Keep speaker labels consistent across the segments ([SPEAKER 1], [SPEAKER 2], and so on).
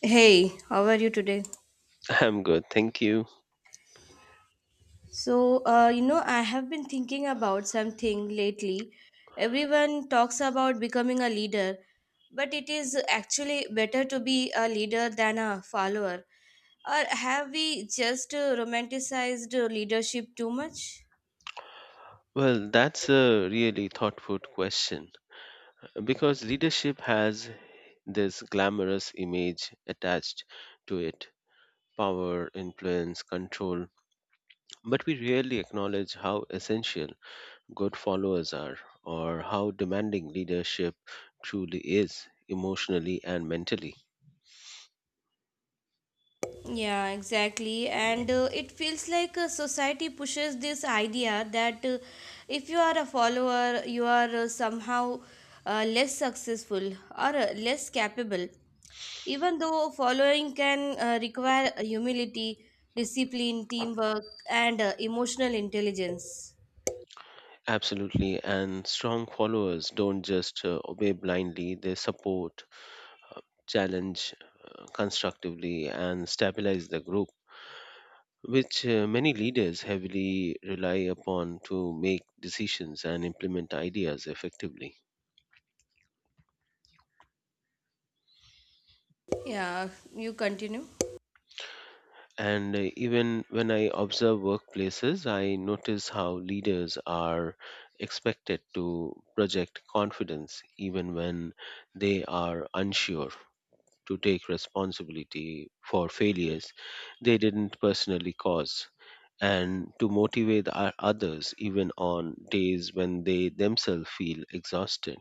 [SPEAKER 1] Hey, how are you today?
[SPEAKER 2] I'm good, thank you.
[SPEAKER 1] I have been thinking about something lately. Everyone talks about becoming a leader, but it is actually better to be a leader than a follower. Or have we just romanticized leadership too much?
[SPEAKER 2] Well, that's a really thoughtful question because leadership has this glamorous image attached to it power, influence, control. But we rarely acknowledge how essential good followers are or how demanding leadership truly is emotionally and mentally.
[SPEAKER 1] Yeah, exactly. And it feels like society pushes this idea that if you are a follower, you are somehow less successful or less capable. Even though following can require humility, discipline, teamwork, and emotional intelligence.
[SPEAKER 2] Absolutely, and strong followers don't just obey blindly, they support challenge constructively, and stabilize the group, which many leaders heavily rely upon to make decisions and implement ideas effectively.
[SPEAKER 1] Yeah, you continue.
[SPEAKER 2] And Even when I observe workplaces, I notice how leaders are expected to project confidence even when they are unsure. To take responsibility for failures they didn't personally cause and to motivate our others even on days when they themselves feel exhausted.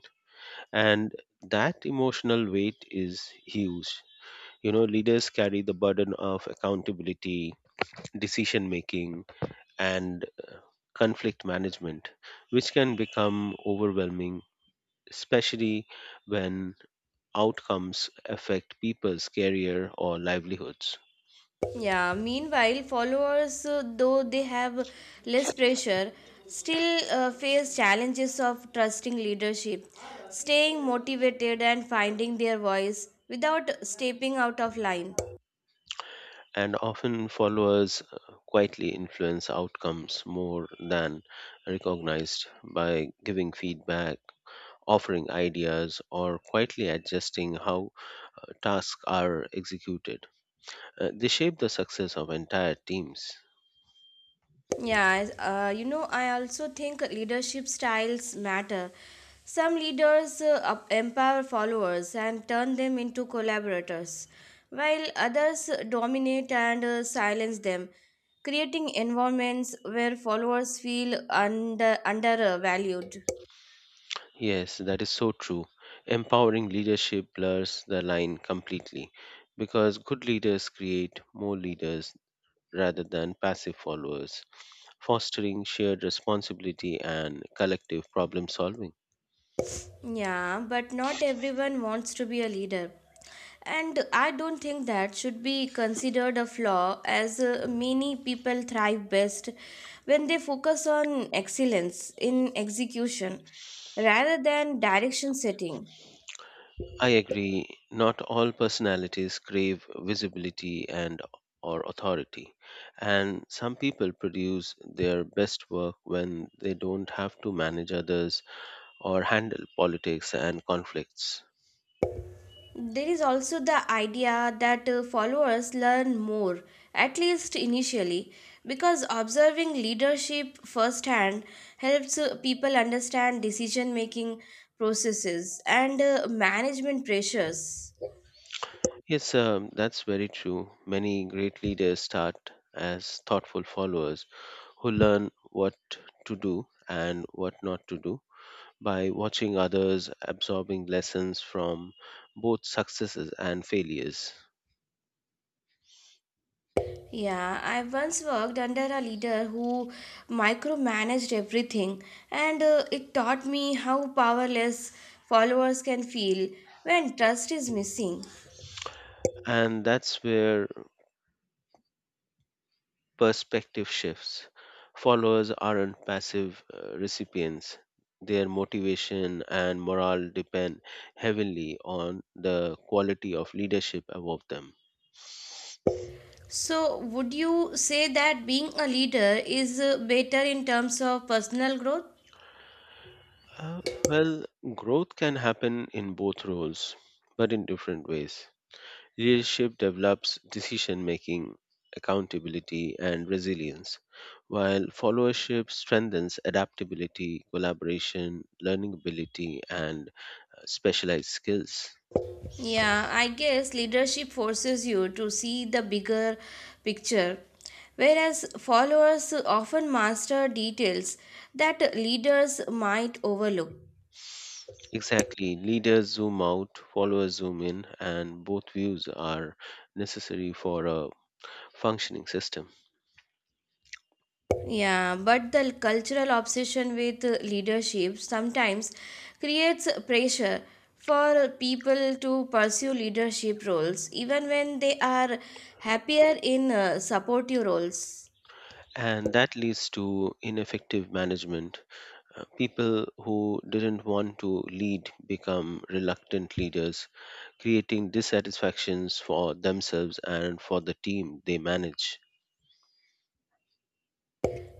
[SPEAKER 2] And that emotional weight is huge. You know, leaders carry the burden of accountability, decision making, and conflict management, which can become overwhelming, especially when outcomes affect people's career or livelihoods.
[SPEAKER 1] Yeah, meanwhile, followers, though they have less pressure, still face challenges of trusting leadership, staying motivated, and finding their voice without stepping out of line.
[SPEAKER 2] And often followers quietly influence outcomes more than recognized by giving feedback, offering ideas, or quietly adjusting how tasks are executed. They shape the success of entire teams.
[SPEAKER 1] Yeah, you know, I also think leadership styles matter. Some leaders empower followers and turn them into collaborators, while others dominate and silence them, creating environments where followers feel undervalued.
[SPEAKER 2] Yes, that is so true. Empowering leadership blurs the line completely because good leaders create more leaders rather than passive followers, fostering shared responsibility and collective problem solving.
[SPEAKER 1] Yeah, but not everyone wants to be a leader. And I don't think that should be considered a flaw, as many people thrive best when they focus on excellence in execution rather than direction setting.
[SPEAKER 2] I agree not all personalities crave visibility and or authority and some people produce their best work when they don't have to manage others or handle politics and conflicts.
[SPEAKER 1] There is also the idea that followers learn more, at least initially, because observing leadership firsthand helps people understand decision making processes and management pressures.
[SPEAKER 2] Yes, that's very true. Many great leaders start as thoughtful followers who learn what to do and what not to do by watching others absorbing lessons from both successes and failures.
[SPEAKER 1] Yeah, I once worked under a leader who micromanaged everything, and it taught me how powerless followers can feel when trust is missing.
[SPEAKER 2] And that's where perspective shifts. Followers aren't passive recipients, their motivation and morale depend heavily on the quality of leadership above them.
[SPEAKER 1] So, would you say that being a leader is better in terms of personal growth?
[SPEAKER 2] Uh, well, growth can happen in both roles, but in different ways. Leadership develops decision making, accountability, and resilience, while followership strengthens adaptability, collaboration, learning ability, and specialized skills.
[SPEAKER 1] Yeah, I guess leadership forces you to see the bigger picture, whereas followers often master details that leaders might overlook.
[SPEAKER 2] Exactly, leaders zoom out, followers zoom in, and both views are necessary for a functioning system.
[SPEAKER 1] Yeah, but the cultural obsession with leadership sometimes creates pressure for people to pursue leadership roles, even when they are happier in supportive roles.
[SPEAKER 2] And that leads to ineffective management. People who didn't want to lead become reluctant leaders creating dissatisfactions for themselves and for the team they manage.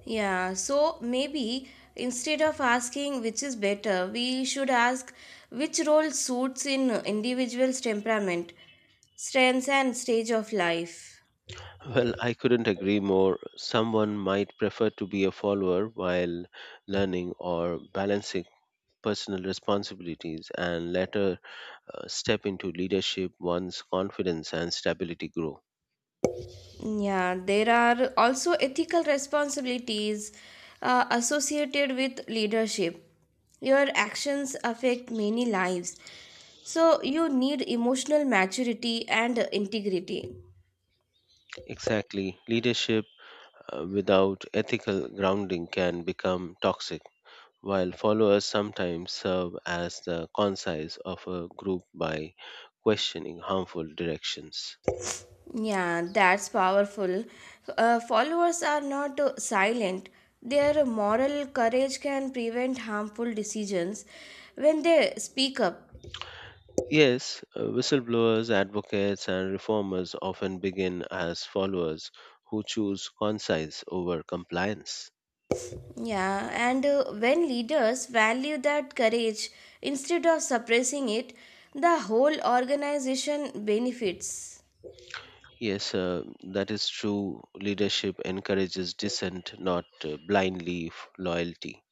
[SPEAKER 1] Yeah, so maybe instead of asking which is better, we should ask which role suits in individual's temperament, strengths, and stage of life.
[SPEAKER 2] Well, I couldn't agree more. Someone might prefer to be a follower while learning or balancing personal responsibilities and later step into leadership once confidence and stability grow.
[SPEAKER 1] Yeah, there are also ethical responsibilities associated with leadership. Your actions affect many lives, so you need emotional maturity and integrity.
[SPEAKER 2] Exactly. Leadership without ethical grounding can become toxic, while followers sometimes serve as the conscience of a group by questioning harmful directions.
[SPEAKER 1] Yeah, that's powerful. Followers are not silent. Their moral courage can prevent harmful decisions when they speak up.
[SPEAKER 2] Yes, whistleblowers, advocates, and reformers often begin as followers who choose conscience over compliance.
[SPEAKER 1] Yeah, and when leaders value that courage instead of suppressing it, the whole organization benefits.
[SPEAKER 2] Yes, that is true. Leadership encourages dissent, not loyalty.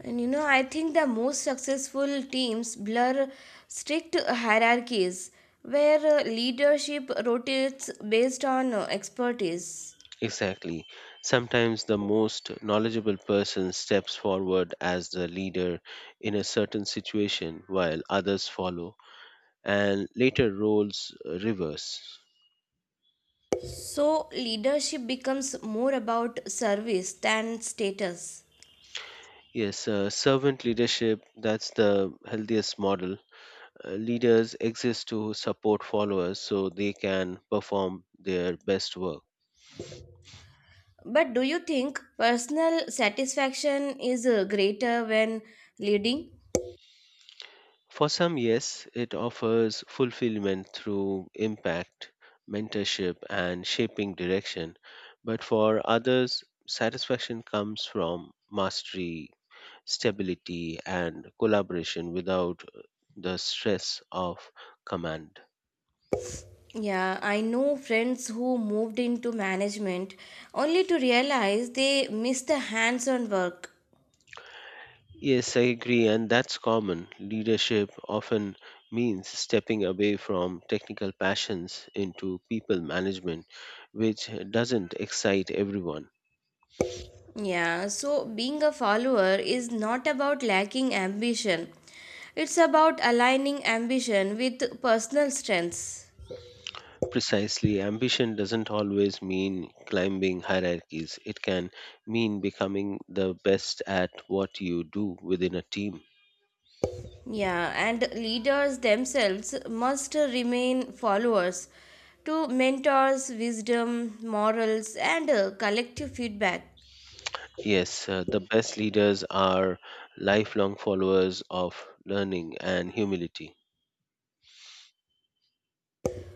[SPEAKER 1] And you know, I think the most successful teams blur strict hierarchies where leadership rotates based on expertise.
[SPEAKER 2] Exactly. Sometimes the most knowledgeable person steps forward as the leader in a certain situation while others follow, and later roles reverse.
[SPEAKER 1] So, leadership becomes more about service than status.
[SPEAKER 2] Yes, servant leadership, that's the healthiest model. Leaders exist to support followers so they can perform their best work.
[SPEAKER 1] But do you think personal satisfaction is greater when leading?
[SPEAKER 2] For some, yes, it offers fulfillment through impact, mentorship, and shaping direction. But for others, satisfaction comes from mastery, stability, and collaboration without the stress of command.
[SPEAKER 1] Yeah, I know friends who moved into management only to realize they missed the hands on work.
[SPEAKER 2] Yes, I agree, and that's common. Leadership often means stepping away from technical passions into people management, which doesn't excite everyone.
[SPEAKER 1] Yeah, so being a follower is not about lacking ambition, it's about aligning ambition with personal strengths.
[SPEAKER 2] Precisely, ambition doesn't always mean climbing hierarchies. It can mean becoming the best at what you do within a team.
[SPEAKER 1] Yeah, and leaders themselves must remain followers to mentors, wisdom, morals, and collective feedback.
[SPEAKER 2] Yes, the best leaders are lifelong followers of learning and humility.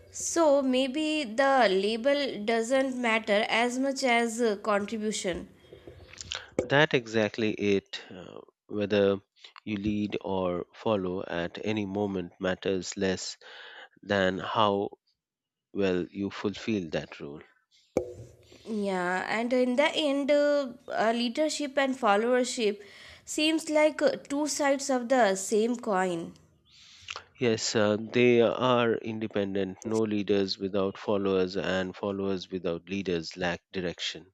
[SPEAKER 1] So maybe the label doesn't matter as much as contribution.
[SPEAKER 2] That exactly it. Whether you lead or follow at any moment matters less than how well you fulfill that role.
[SPEAKER 1] Yeah, and in the end, leadership and followership seems like two sides of the same coin.
[SPEAKER 2] Yes, they are independent. No leaders without followers, and followers without leaders lack direction.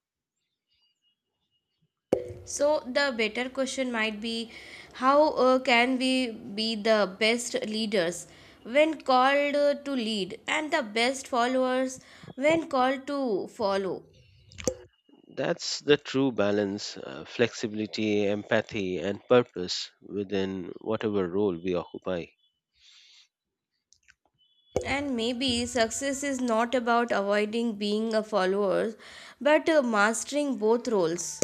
[SPEAKER 1] So the better question might be how can we be the best leaders when called to lead and the best followers when called to follow?
[SPEAKER 2] That's the true balance flexibility, empathy, and purpose within whatever role we occupy.
[SPEAKER 1] And maybe success is not about avoiding being a follower, but mastering both roles.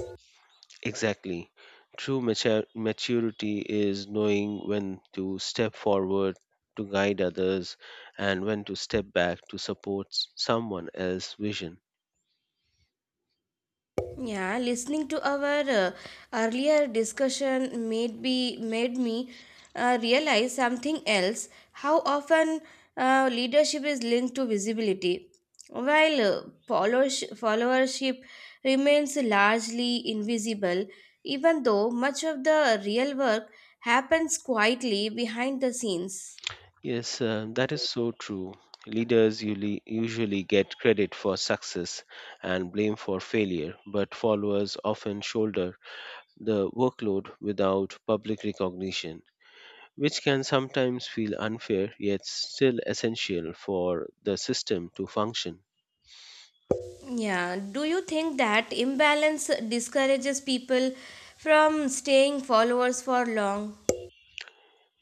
[SPEAKER 2] Exactly. True maturity is knowing when to step forward to guide others and when to step back to support someone else's vision.
[SPEAKER 1] Yeah, listening to our earlier discussion made me realize something else. How often leadership is linked to visibility, while followership remains largely invisible, even though much of the real work happens quietly behind the scenes.
[SPEAKER 2] Yes, that is so true. Leaders usually get credit for success and blame for failure, but followers often shoulder the workload without public recognition, which can sometimes feel unfair yet still essential for the system to function.
[SPEAKER 1] Yeah, do you think that imbalance discourages people from staying followers for long?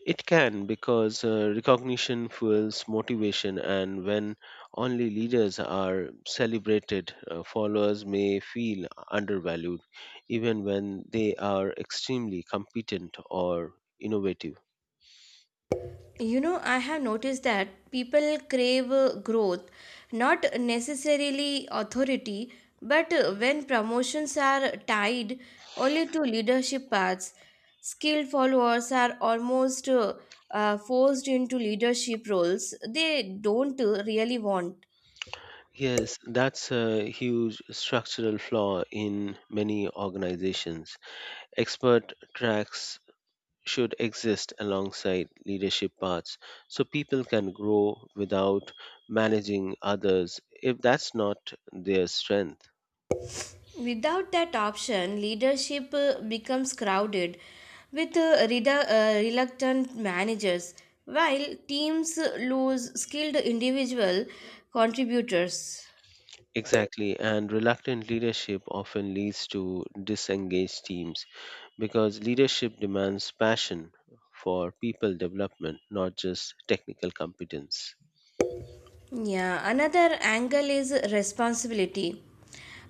[SPEAKER 2] It can because recognition fuels motivation, and when only leaders are celebrated, followers may feel undervalued, even when they are extremely competent or innovative.
[SPEAKER 1] You know, I have noticed that people crave growth, not necessarily authority, but when promotions are tied only to leadership paths, skilled followers are almost forced into leadership roles they don't really want.
[SPEAKER 2] Yes, that's a huge structural flaw in many organizations. Expert tracks should exist alongside leadership paths so people can grow without managing others if that's not their strength.
[SPEAKER 1] Without that option, leadership becomes crowded with reluctant managers, while teams lose skilled individual contributors.
[SPEAKER 2] Exactly, and reluctant leadership often leads to disengaged teams because leadership demands passion for people development, not just technical competence.
[SPEAKER 1] Yeah, another angle is responsibility.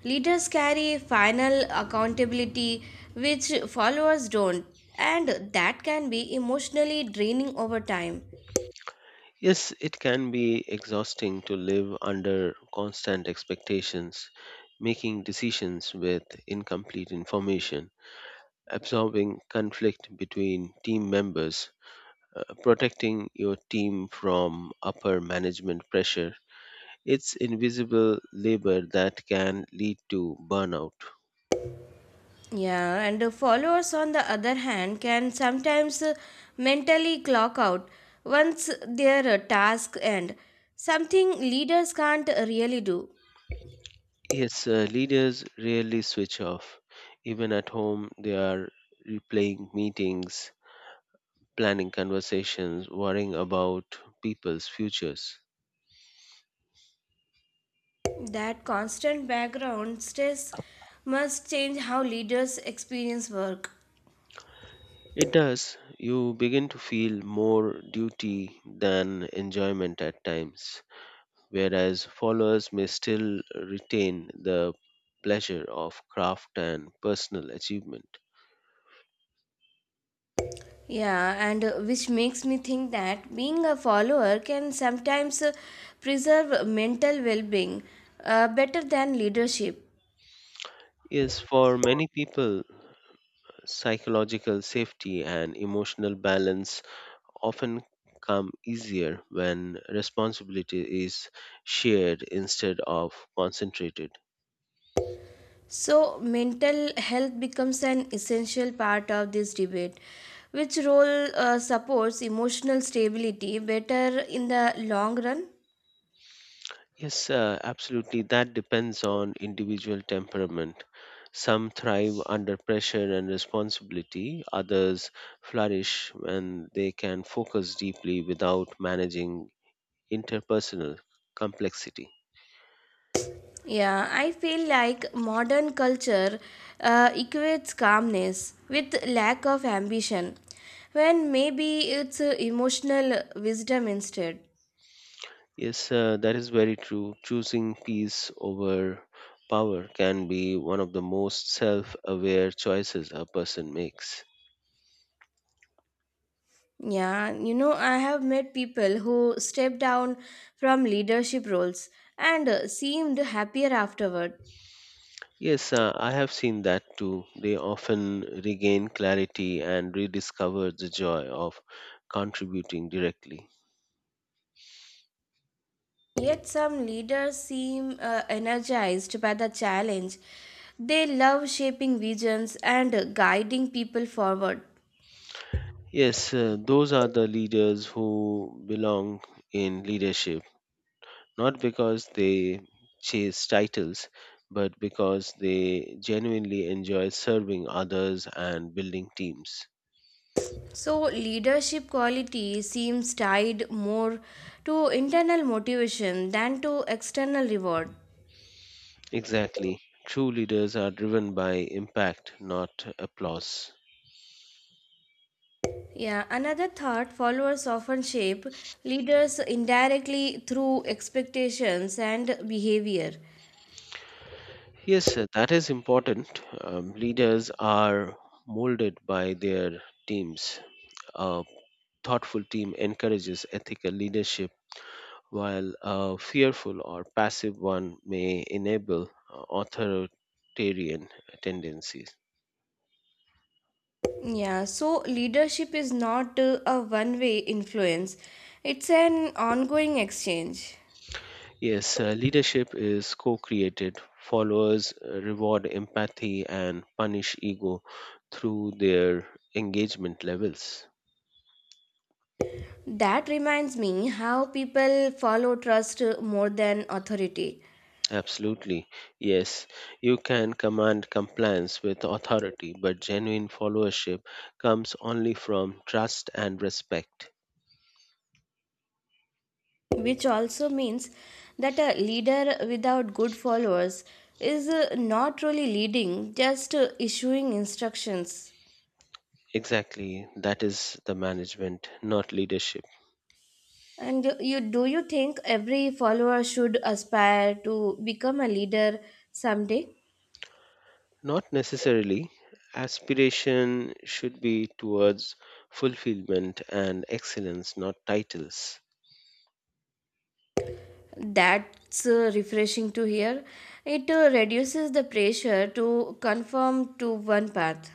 [SPEAKER 1] Leaders carry final accountability, which followers don't, and that can be emotionally draining over time.
[SPEAKER 2] Yes, it can be exhausting to live under constant expectations, making decisions with incomplete information absorbing conflict between team members, protecting your team from upper management pressure. It's invisible labor that can lead to burnout.
[SPEAKER 1] Yeah, and the followers, on the other hand, can sometimes mentally clock out once their task end. Something leaders can't really do.
[SPEAKER 2] Yes, leaders rarely switch off. Even at home, they are replaying meetings, planning conversations, worrying about people's futures.
[SPEAKER 1] That constant background stress must change how leaders experience work.
[SPEAKER 2] It does. You begin to feel more duty than enjoyment at times, whereas followers may still retain the pleasure of craft and personal achievement.
[SPEAKER 1] Yeah, and which makes me think that being a follower can sometimes preserve mental well being better than leadership.
[SPEAKER 2] Yes, for many people, psychological safety and emotional balance often come easier when responsibility is shared instead of concentrated.
[SPEAKER 1] So, mental health becomes an essential part of this debate. Which role supports emotional stability better in the long run?
[SPEAKER 2] Yes, absolutely. That depends on individual temperament. Some thrive under pressure and responsibility, others flourish when they can focus deeply without managing interpersonal complexity.
[SPEAKER 1] Yeah, I feel like modern culture equates calmness with lack of ambition, when maybe it's emotional wisdom instead.
[SPEAKER 2] Yes, that is very true. Choosing peace over power can be one of the most self aware choices a person makes.
[SPEAKER 1] Yeah, you know, I have met people who stepped down from leadership roles and seemed happier afterward.
[SPEAKER 2] Yes, I have seen that too. They often regain clarity and rediscover the joy of contributing directly.
[SPEAKER 1] Yet some leaders seem energized by the challenge. They love shaping visions and guiding people forward.
[SPEAKER 2] Yes, those are the leaders who belong in leadership, not because they chase titles, but because they genuinely enjoy serving others and building teams.
[SPEAKER 1] So, leadership quality seems tied more to internal motivation than to external reward.
[SPEAKER 2] Exactly. True leaders are driven by impact, not applause.
[SPEAKER 1] Yeah, another thought followers often shape leaders indirectly through expectations and behavior.
[SPEAKER 2] Yes, that is important. Leaders are molded by their teams. A thoughtful team encourages ethical leadership, while a fearful or passive one may enable authoritarian tendencies.
[SPEAKER 1] Yeah, so leadership is not a one way influence, it's an ongoing exchange.
[SPEAKER 2] Yes, leadership is co created. Followers reward empathy and punish ego through their engagement levels.
[SPEAKER 1] That reminds me how people follow trust more than authority,
[SPEAKER 2] Absolutely. Yes, you can command compliance with authority, but genuine followership comes only from trust and respect.
[SPEAKER 1] which also means that a leader without good followers is not really leading, just issuing instructions.
[SPEAKER 2] Exactly, that is the management, not leadership.
[SPEAKER 1] And do you think every follower should aspire to become a leader someday?
[SPEAKER 2] Not necessarily. Aspiration should be towards fulfillment and excellence, not titles.
[SPEAKER 1] That's refreshing to hear. It reduces the pressure to conform to one path.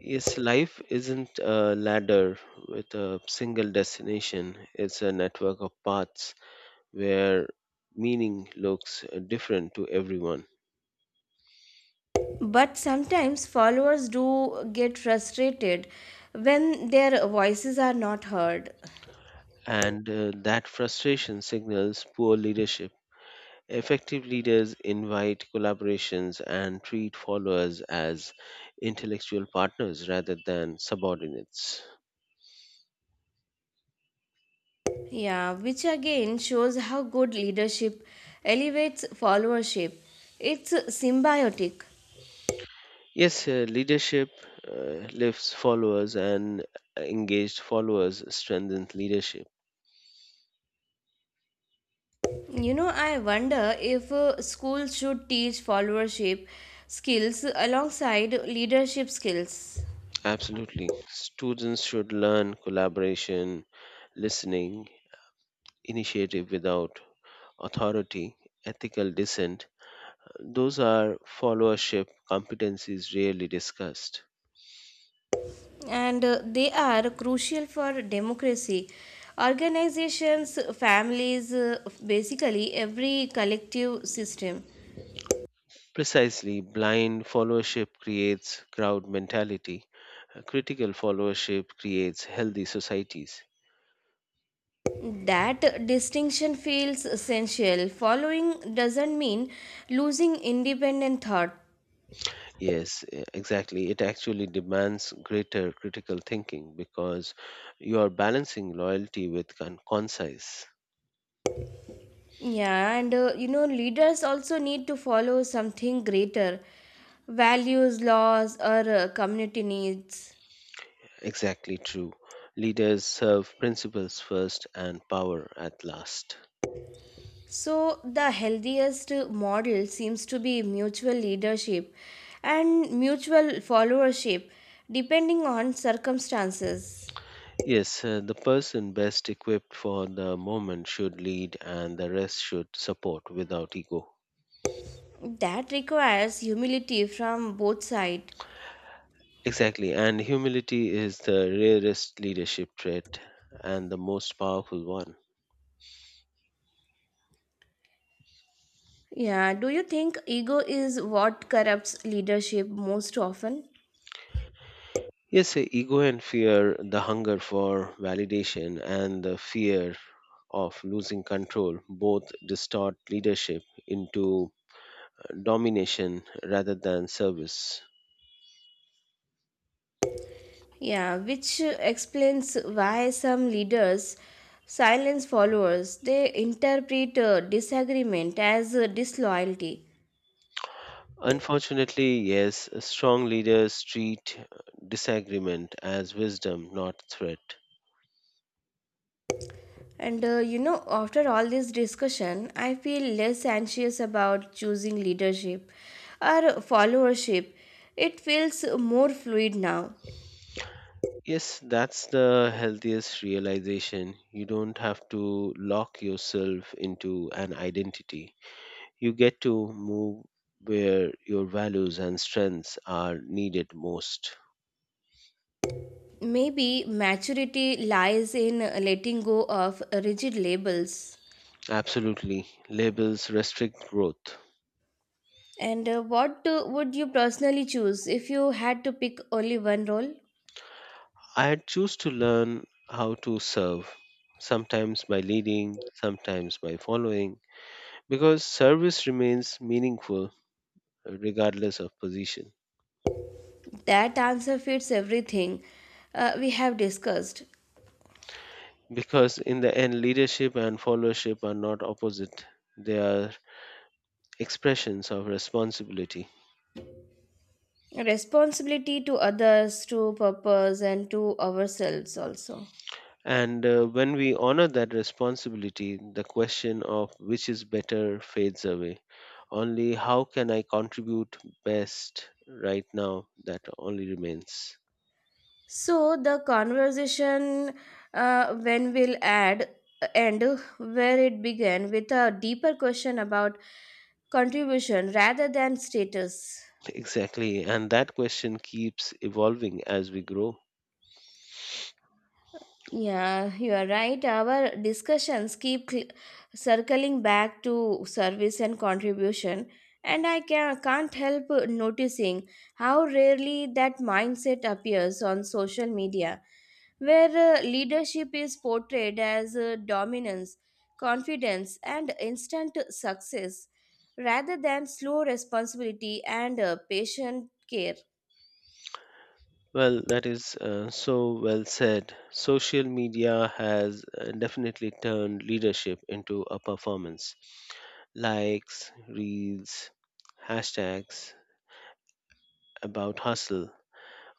[SPEAKER 2] Yes, life isn't a ladder with a single destination, it's a network of paths where meaning looks different to everyone.
[SPEAKER 1] But sometimes followers do get frustrated when their voices are not heard.
[SPEAKER 2] And That frustration signals poor leadership. Effective leaders invite collaborations and treat followers as intellectual partners rather than subordinates.
[SPEAKER 1] Yeah, which again shows how good leadership elevates followership. It's symbiotic.
[SPEAKER 2] Yes, leadership lifts followers, and engaged followers strengthens leadership.
[SPEAKER 1] You know, I wonder if schools should teach followership skills alongside leadership skills.
[SPEAKER 2] Absolutely. Students should learn collaboration, listening, initiative without authority, ethical dissent, those are followership competencies rarely discussed.
[SPEAKER 1] And they are crucial for democracy. Organizations, families, basically every collective system.
[SPEAKER 2] Precisely, blind followership creates crowd mentality. Critical followership creates healthy societies.
[SPEAKER 1] That distinction feels essential. Following doesn't mean losing independent thought.
[SPEAKER 2] Yes, exactly. It actually demands greater critical thinking because you are balancing loyalty with concise.
[SPEAKER 1] Yeah, and you know, leaders also need to follow something greater values, laws, or community needs.
[SPEAKER 2] Exactly true. Leaders serve principles first and power at last.
[SPEAKER 1] So, the healthiest model seems to be mutual leadership and mutual followership, depending on circumstances.
[SPEAKER 2] Yes, the person best equipped for the moment should lead and the rest should support without ego.
[SPEAKER 1] That requires humility from both sides.
[SPEAKER 2] Exactly, and humility is the rarest leadership trait and the most powerful one.
[SPEAKER 1] Yeah, do you think ego is what corrupts leadership most often?
[SPEAKER 2] Yes, ego and fear, the hunger for validation and the fear of losing control both distort leadership into domination rather than service.
[SPEAKER 1] Yeah, which explains why some leaders silence followers. They interpret disagreement as disloyalty.
[SPEAKER 2] Unfortunately, yes, strong leaders treat disagreement as wisdom, not threat.
[SPEAKER 1] And you know, after all this discussion, I feel less anxious about choosing leadership or followership. It feels more fluid now.
[SPEAKER 2] Yes, that's the healthiest realization. You don't have to lock yourself into an identity. You get to move where your values and strengths are needed most.
[SPEAKER 1] Maybe maturity lies in letting go of rigid labels.
[SPEAKER 2] Absolutely. Labels restrict growth.
[SPEAKER 1] And what would you personally choose if you had to pick only one role?
[SPEAKER 2] I had choose to learn how to serve, sometimes by leading, sometimes by following, because service remains meaningful regardless of position.
[SPEAKER 1] That answer fits everything we have discussed
[SPEAKER 2] Because in the end, leadership and followership are not opposite, they are expressions of responsibility.
[SPEAKER 1] responsibility to others, to purpose, and to ourselves also.
[SPEAKER 2] And When we honor that responsibility, the question of which is better fades away. Only how can I contribute best right now that only remains.
[SPEAKER 1] So the conversation when will add end where it began with a deeper question about contribution rather than status.
[SPEAKER 2] Exactly. And that question keeps evolving as we grow.
[SPEAKER 1] Yeah, you are right. Our discussions keep circling back to service and contribution, and can't help noticing how rarely that mindset appears on social media where leadership is portrayed as dominance, confidence, and instant success rather than slow responsibility and patient care.
[SPEAKER 2] Well, that is so well said. Social media has definitely turned leadership into a performance. Likes, reels, hashtags about hustle.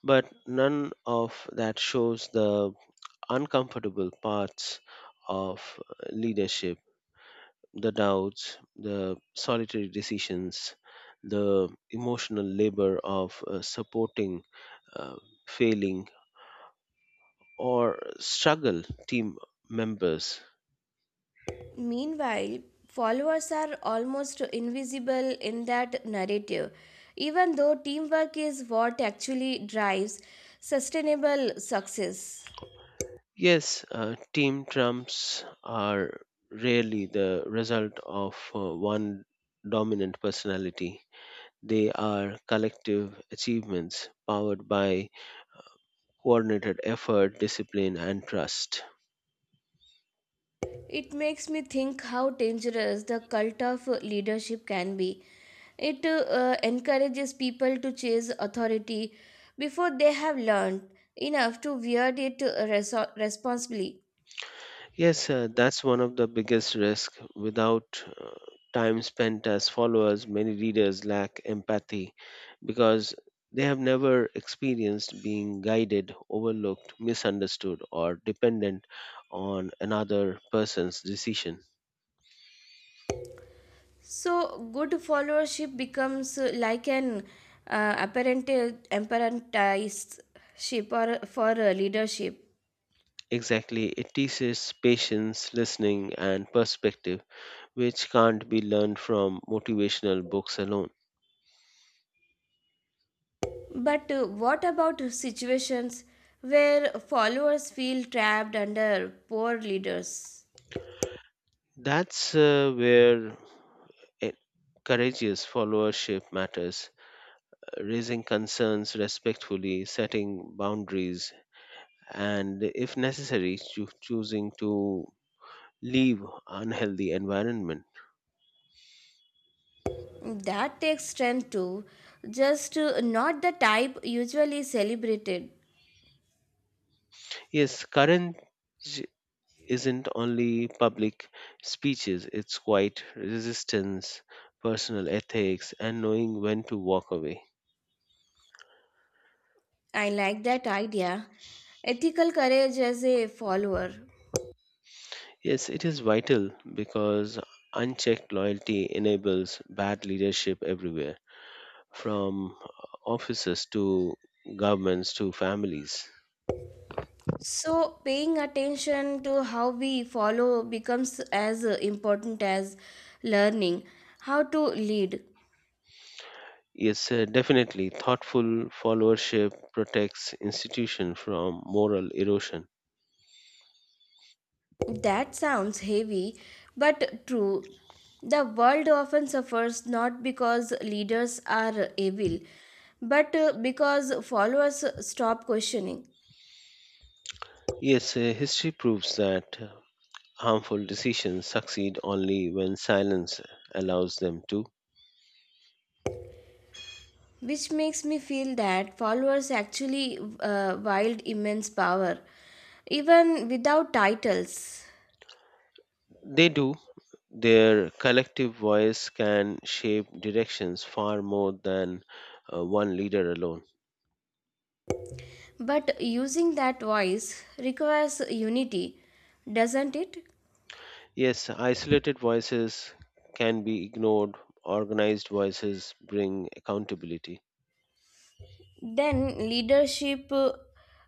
[SPEAKER 2] But none of that shows the uncomfortable parts of leadership the doubts, the solitary decisions, the emotional labor of supporting, uh, failing, or struggle team members.
[SPEAKER 1] Meanwhile, followers are almost invisible in that narrative, even though teamwork is what actually drives sustainable success.
[SPEAKER 2] Yes, team trumps are rarely the result of one dominant personality. They are collective achievements powered by coordinated effort, discipline, and trust.
[SPEAKER 1] It makes me think how dangerous the cult of leadership can be. It encourages people to chase authority before they have learned enough to wield it responsibly.
[SPEAKER 2] Yes, that's one of the biggest risks. Without time spent as followers, many readers lack empathy because they have never experienced being guided, overlooked, misunderstood, or dependent on another person's decision.
[SPEAKER 1] So, good followership becomes like an apprenticeship or for leadership.
[SPEAKER 2] Exactly, it teaches patience, listening, and perspective, which can't be learned from motivational books alone.
[SPEAKER 1] But what about situations where followers feel trapped under poor leaders?
[SPEAKER 2] That's where a courageous followership matters raising concerns respectfully, setting boundaries, and if necessary, choosing to leave unhealthy environment.
[SPEAKER 1] That takes strength too, just not the type usually celebrated.
[SPEAKER 2] Yes, courage isn't only public speeches, it's quite resistance, personal ethics, and knowing when to walk away.
[SPEAKER 1] I like that idea. Ethical courage as a follower.
[SPEAKER 2] Yes, it is vital because unchecked loyalty enables bad leadership everywhere, from officers to governments to families.
[SPEAKER 1] So, paying attention to how we follow becomes as important as learning how to lead.
[SPEAKER 2] Yes, definitely. Thoughtful followership protects institution from moral erosion.
[SPEAKER 1] That sounds heavy, but true. The world often suffers not because leaders are evil, but because followers stop questioning,
[SPEAKER 2] Yes, history proves that harmful decisions succeed only when silence allows them to.
[SPEAKER 1] which makes me feel that followers actually wield immense power even without titles,
[SPEAKER 2] They do. Their collective voice can shape directions far more than one leader alone.
[SPEAKER 1] but using that voice requires unity, doesn't it?
[SPEAKER 2] Yes, isolated voices can be ignored. Organized voices bring accountability.
[SPEAKER 1] Then leadership uh,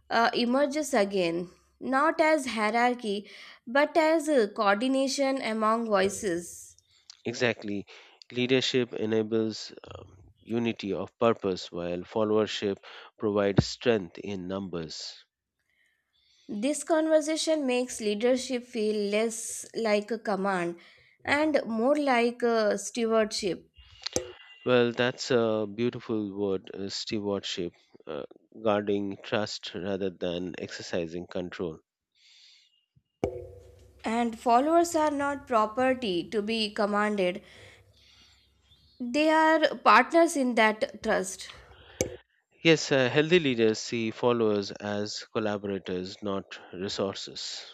[SPEAKER 1] uh, emerges again, not as hierarchy but as coordination among voices.
[SPEAKER 2] Exactly. Leadership enables um, unity of purpose, while followership provides strength in numbers.
[SPEAKER 1] This conversation makes leadership feel less like a command and more like a stewardship.
[SPEAKER 2] Well, that's a beautiful word, stewardship, uh, guarding trust rather than exercising control.
[SPEAKER 1] And followers are not property to be commanded, they are partners in that trust.
[SPEAKER 2] Yes, healthy leaders see followers as collaborators, not resources.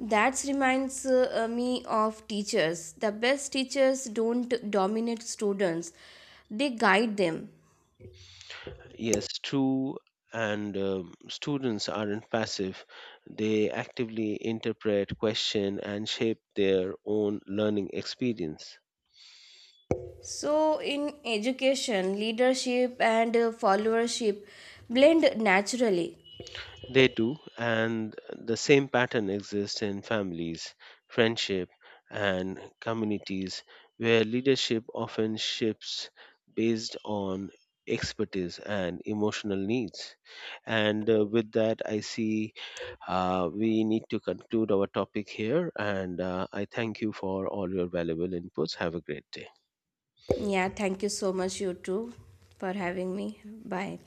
[SPEAKER 1] That reminds me of teachers. The best teachers don't dominate students, they guide them.
[SPEAKER 2] Yes, true. And students aren't passive. They actively interpret, question, and shape their own learning experience.
[SPEAKER 1] So, in education, leadership and followership blend naturally.
[SPEAKER 2] They do, and the same pattern exists in families, friendship, and communities where leadership often shifts based on expertise and emotional needs. And With that, I see we need to conclude our topic here, and I thank you for all your valuable inputs. Have a great day.
[SPEAKER 1] Yeah, thank you so much, you two, for having me. Bye.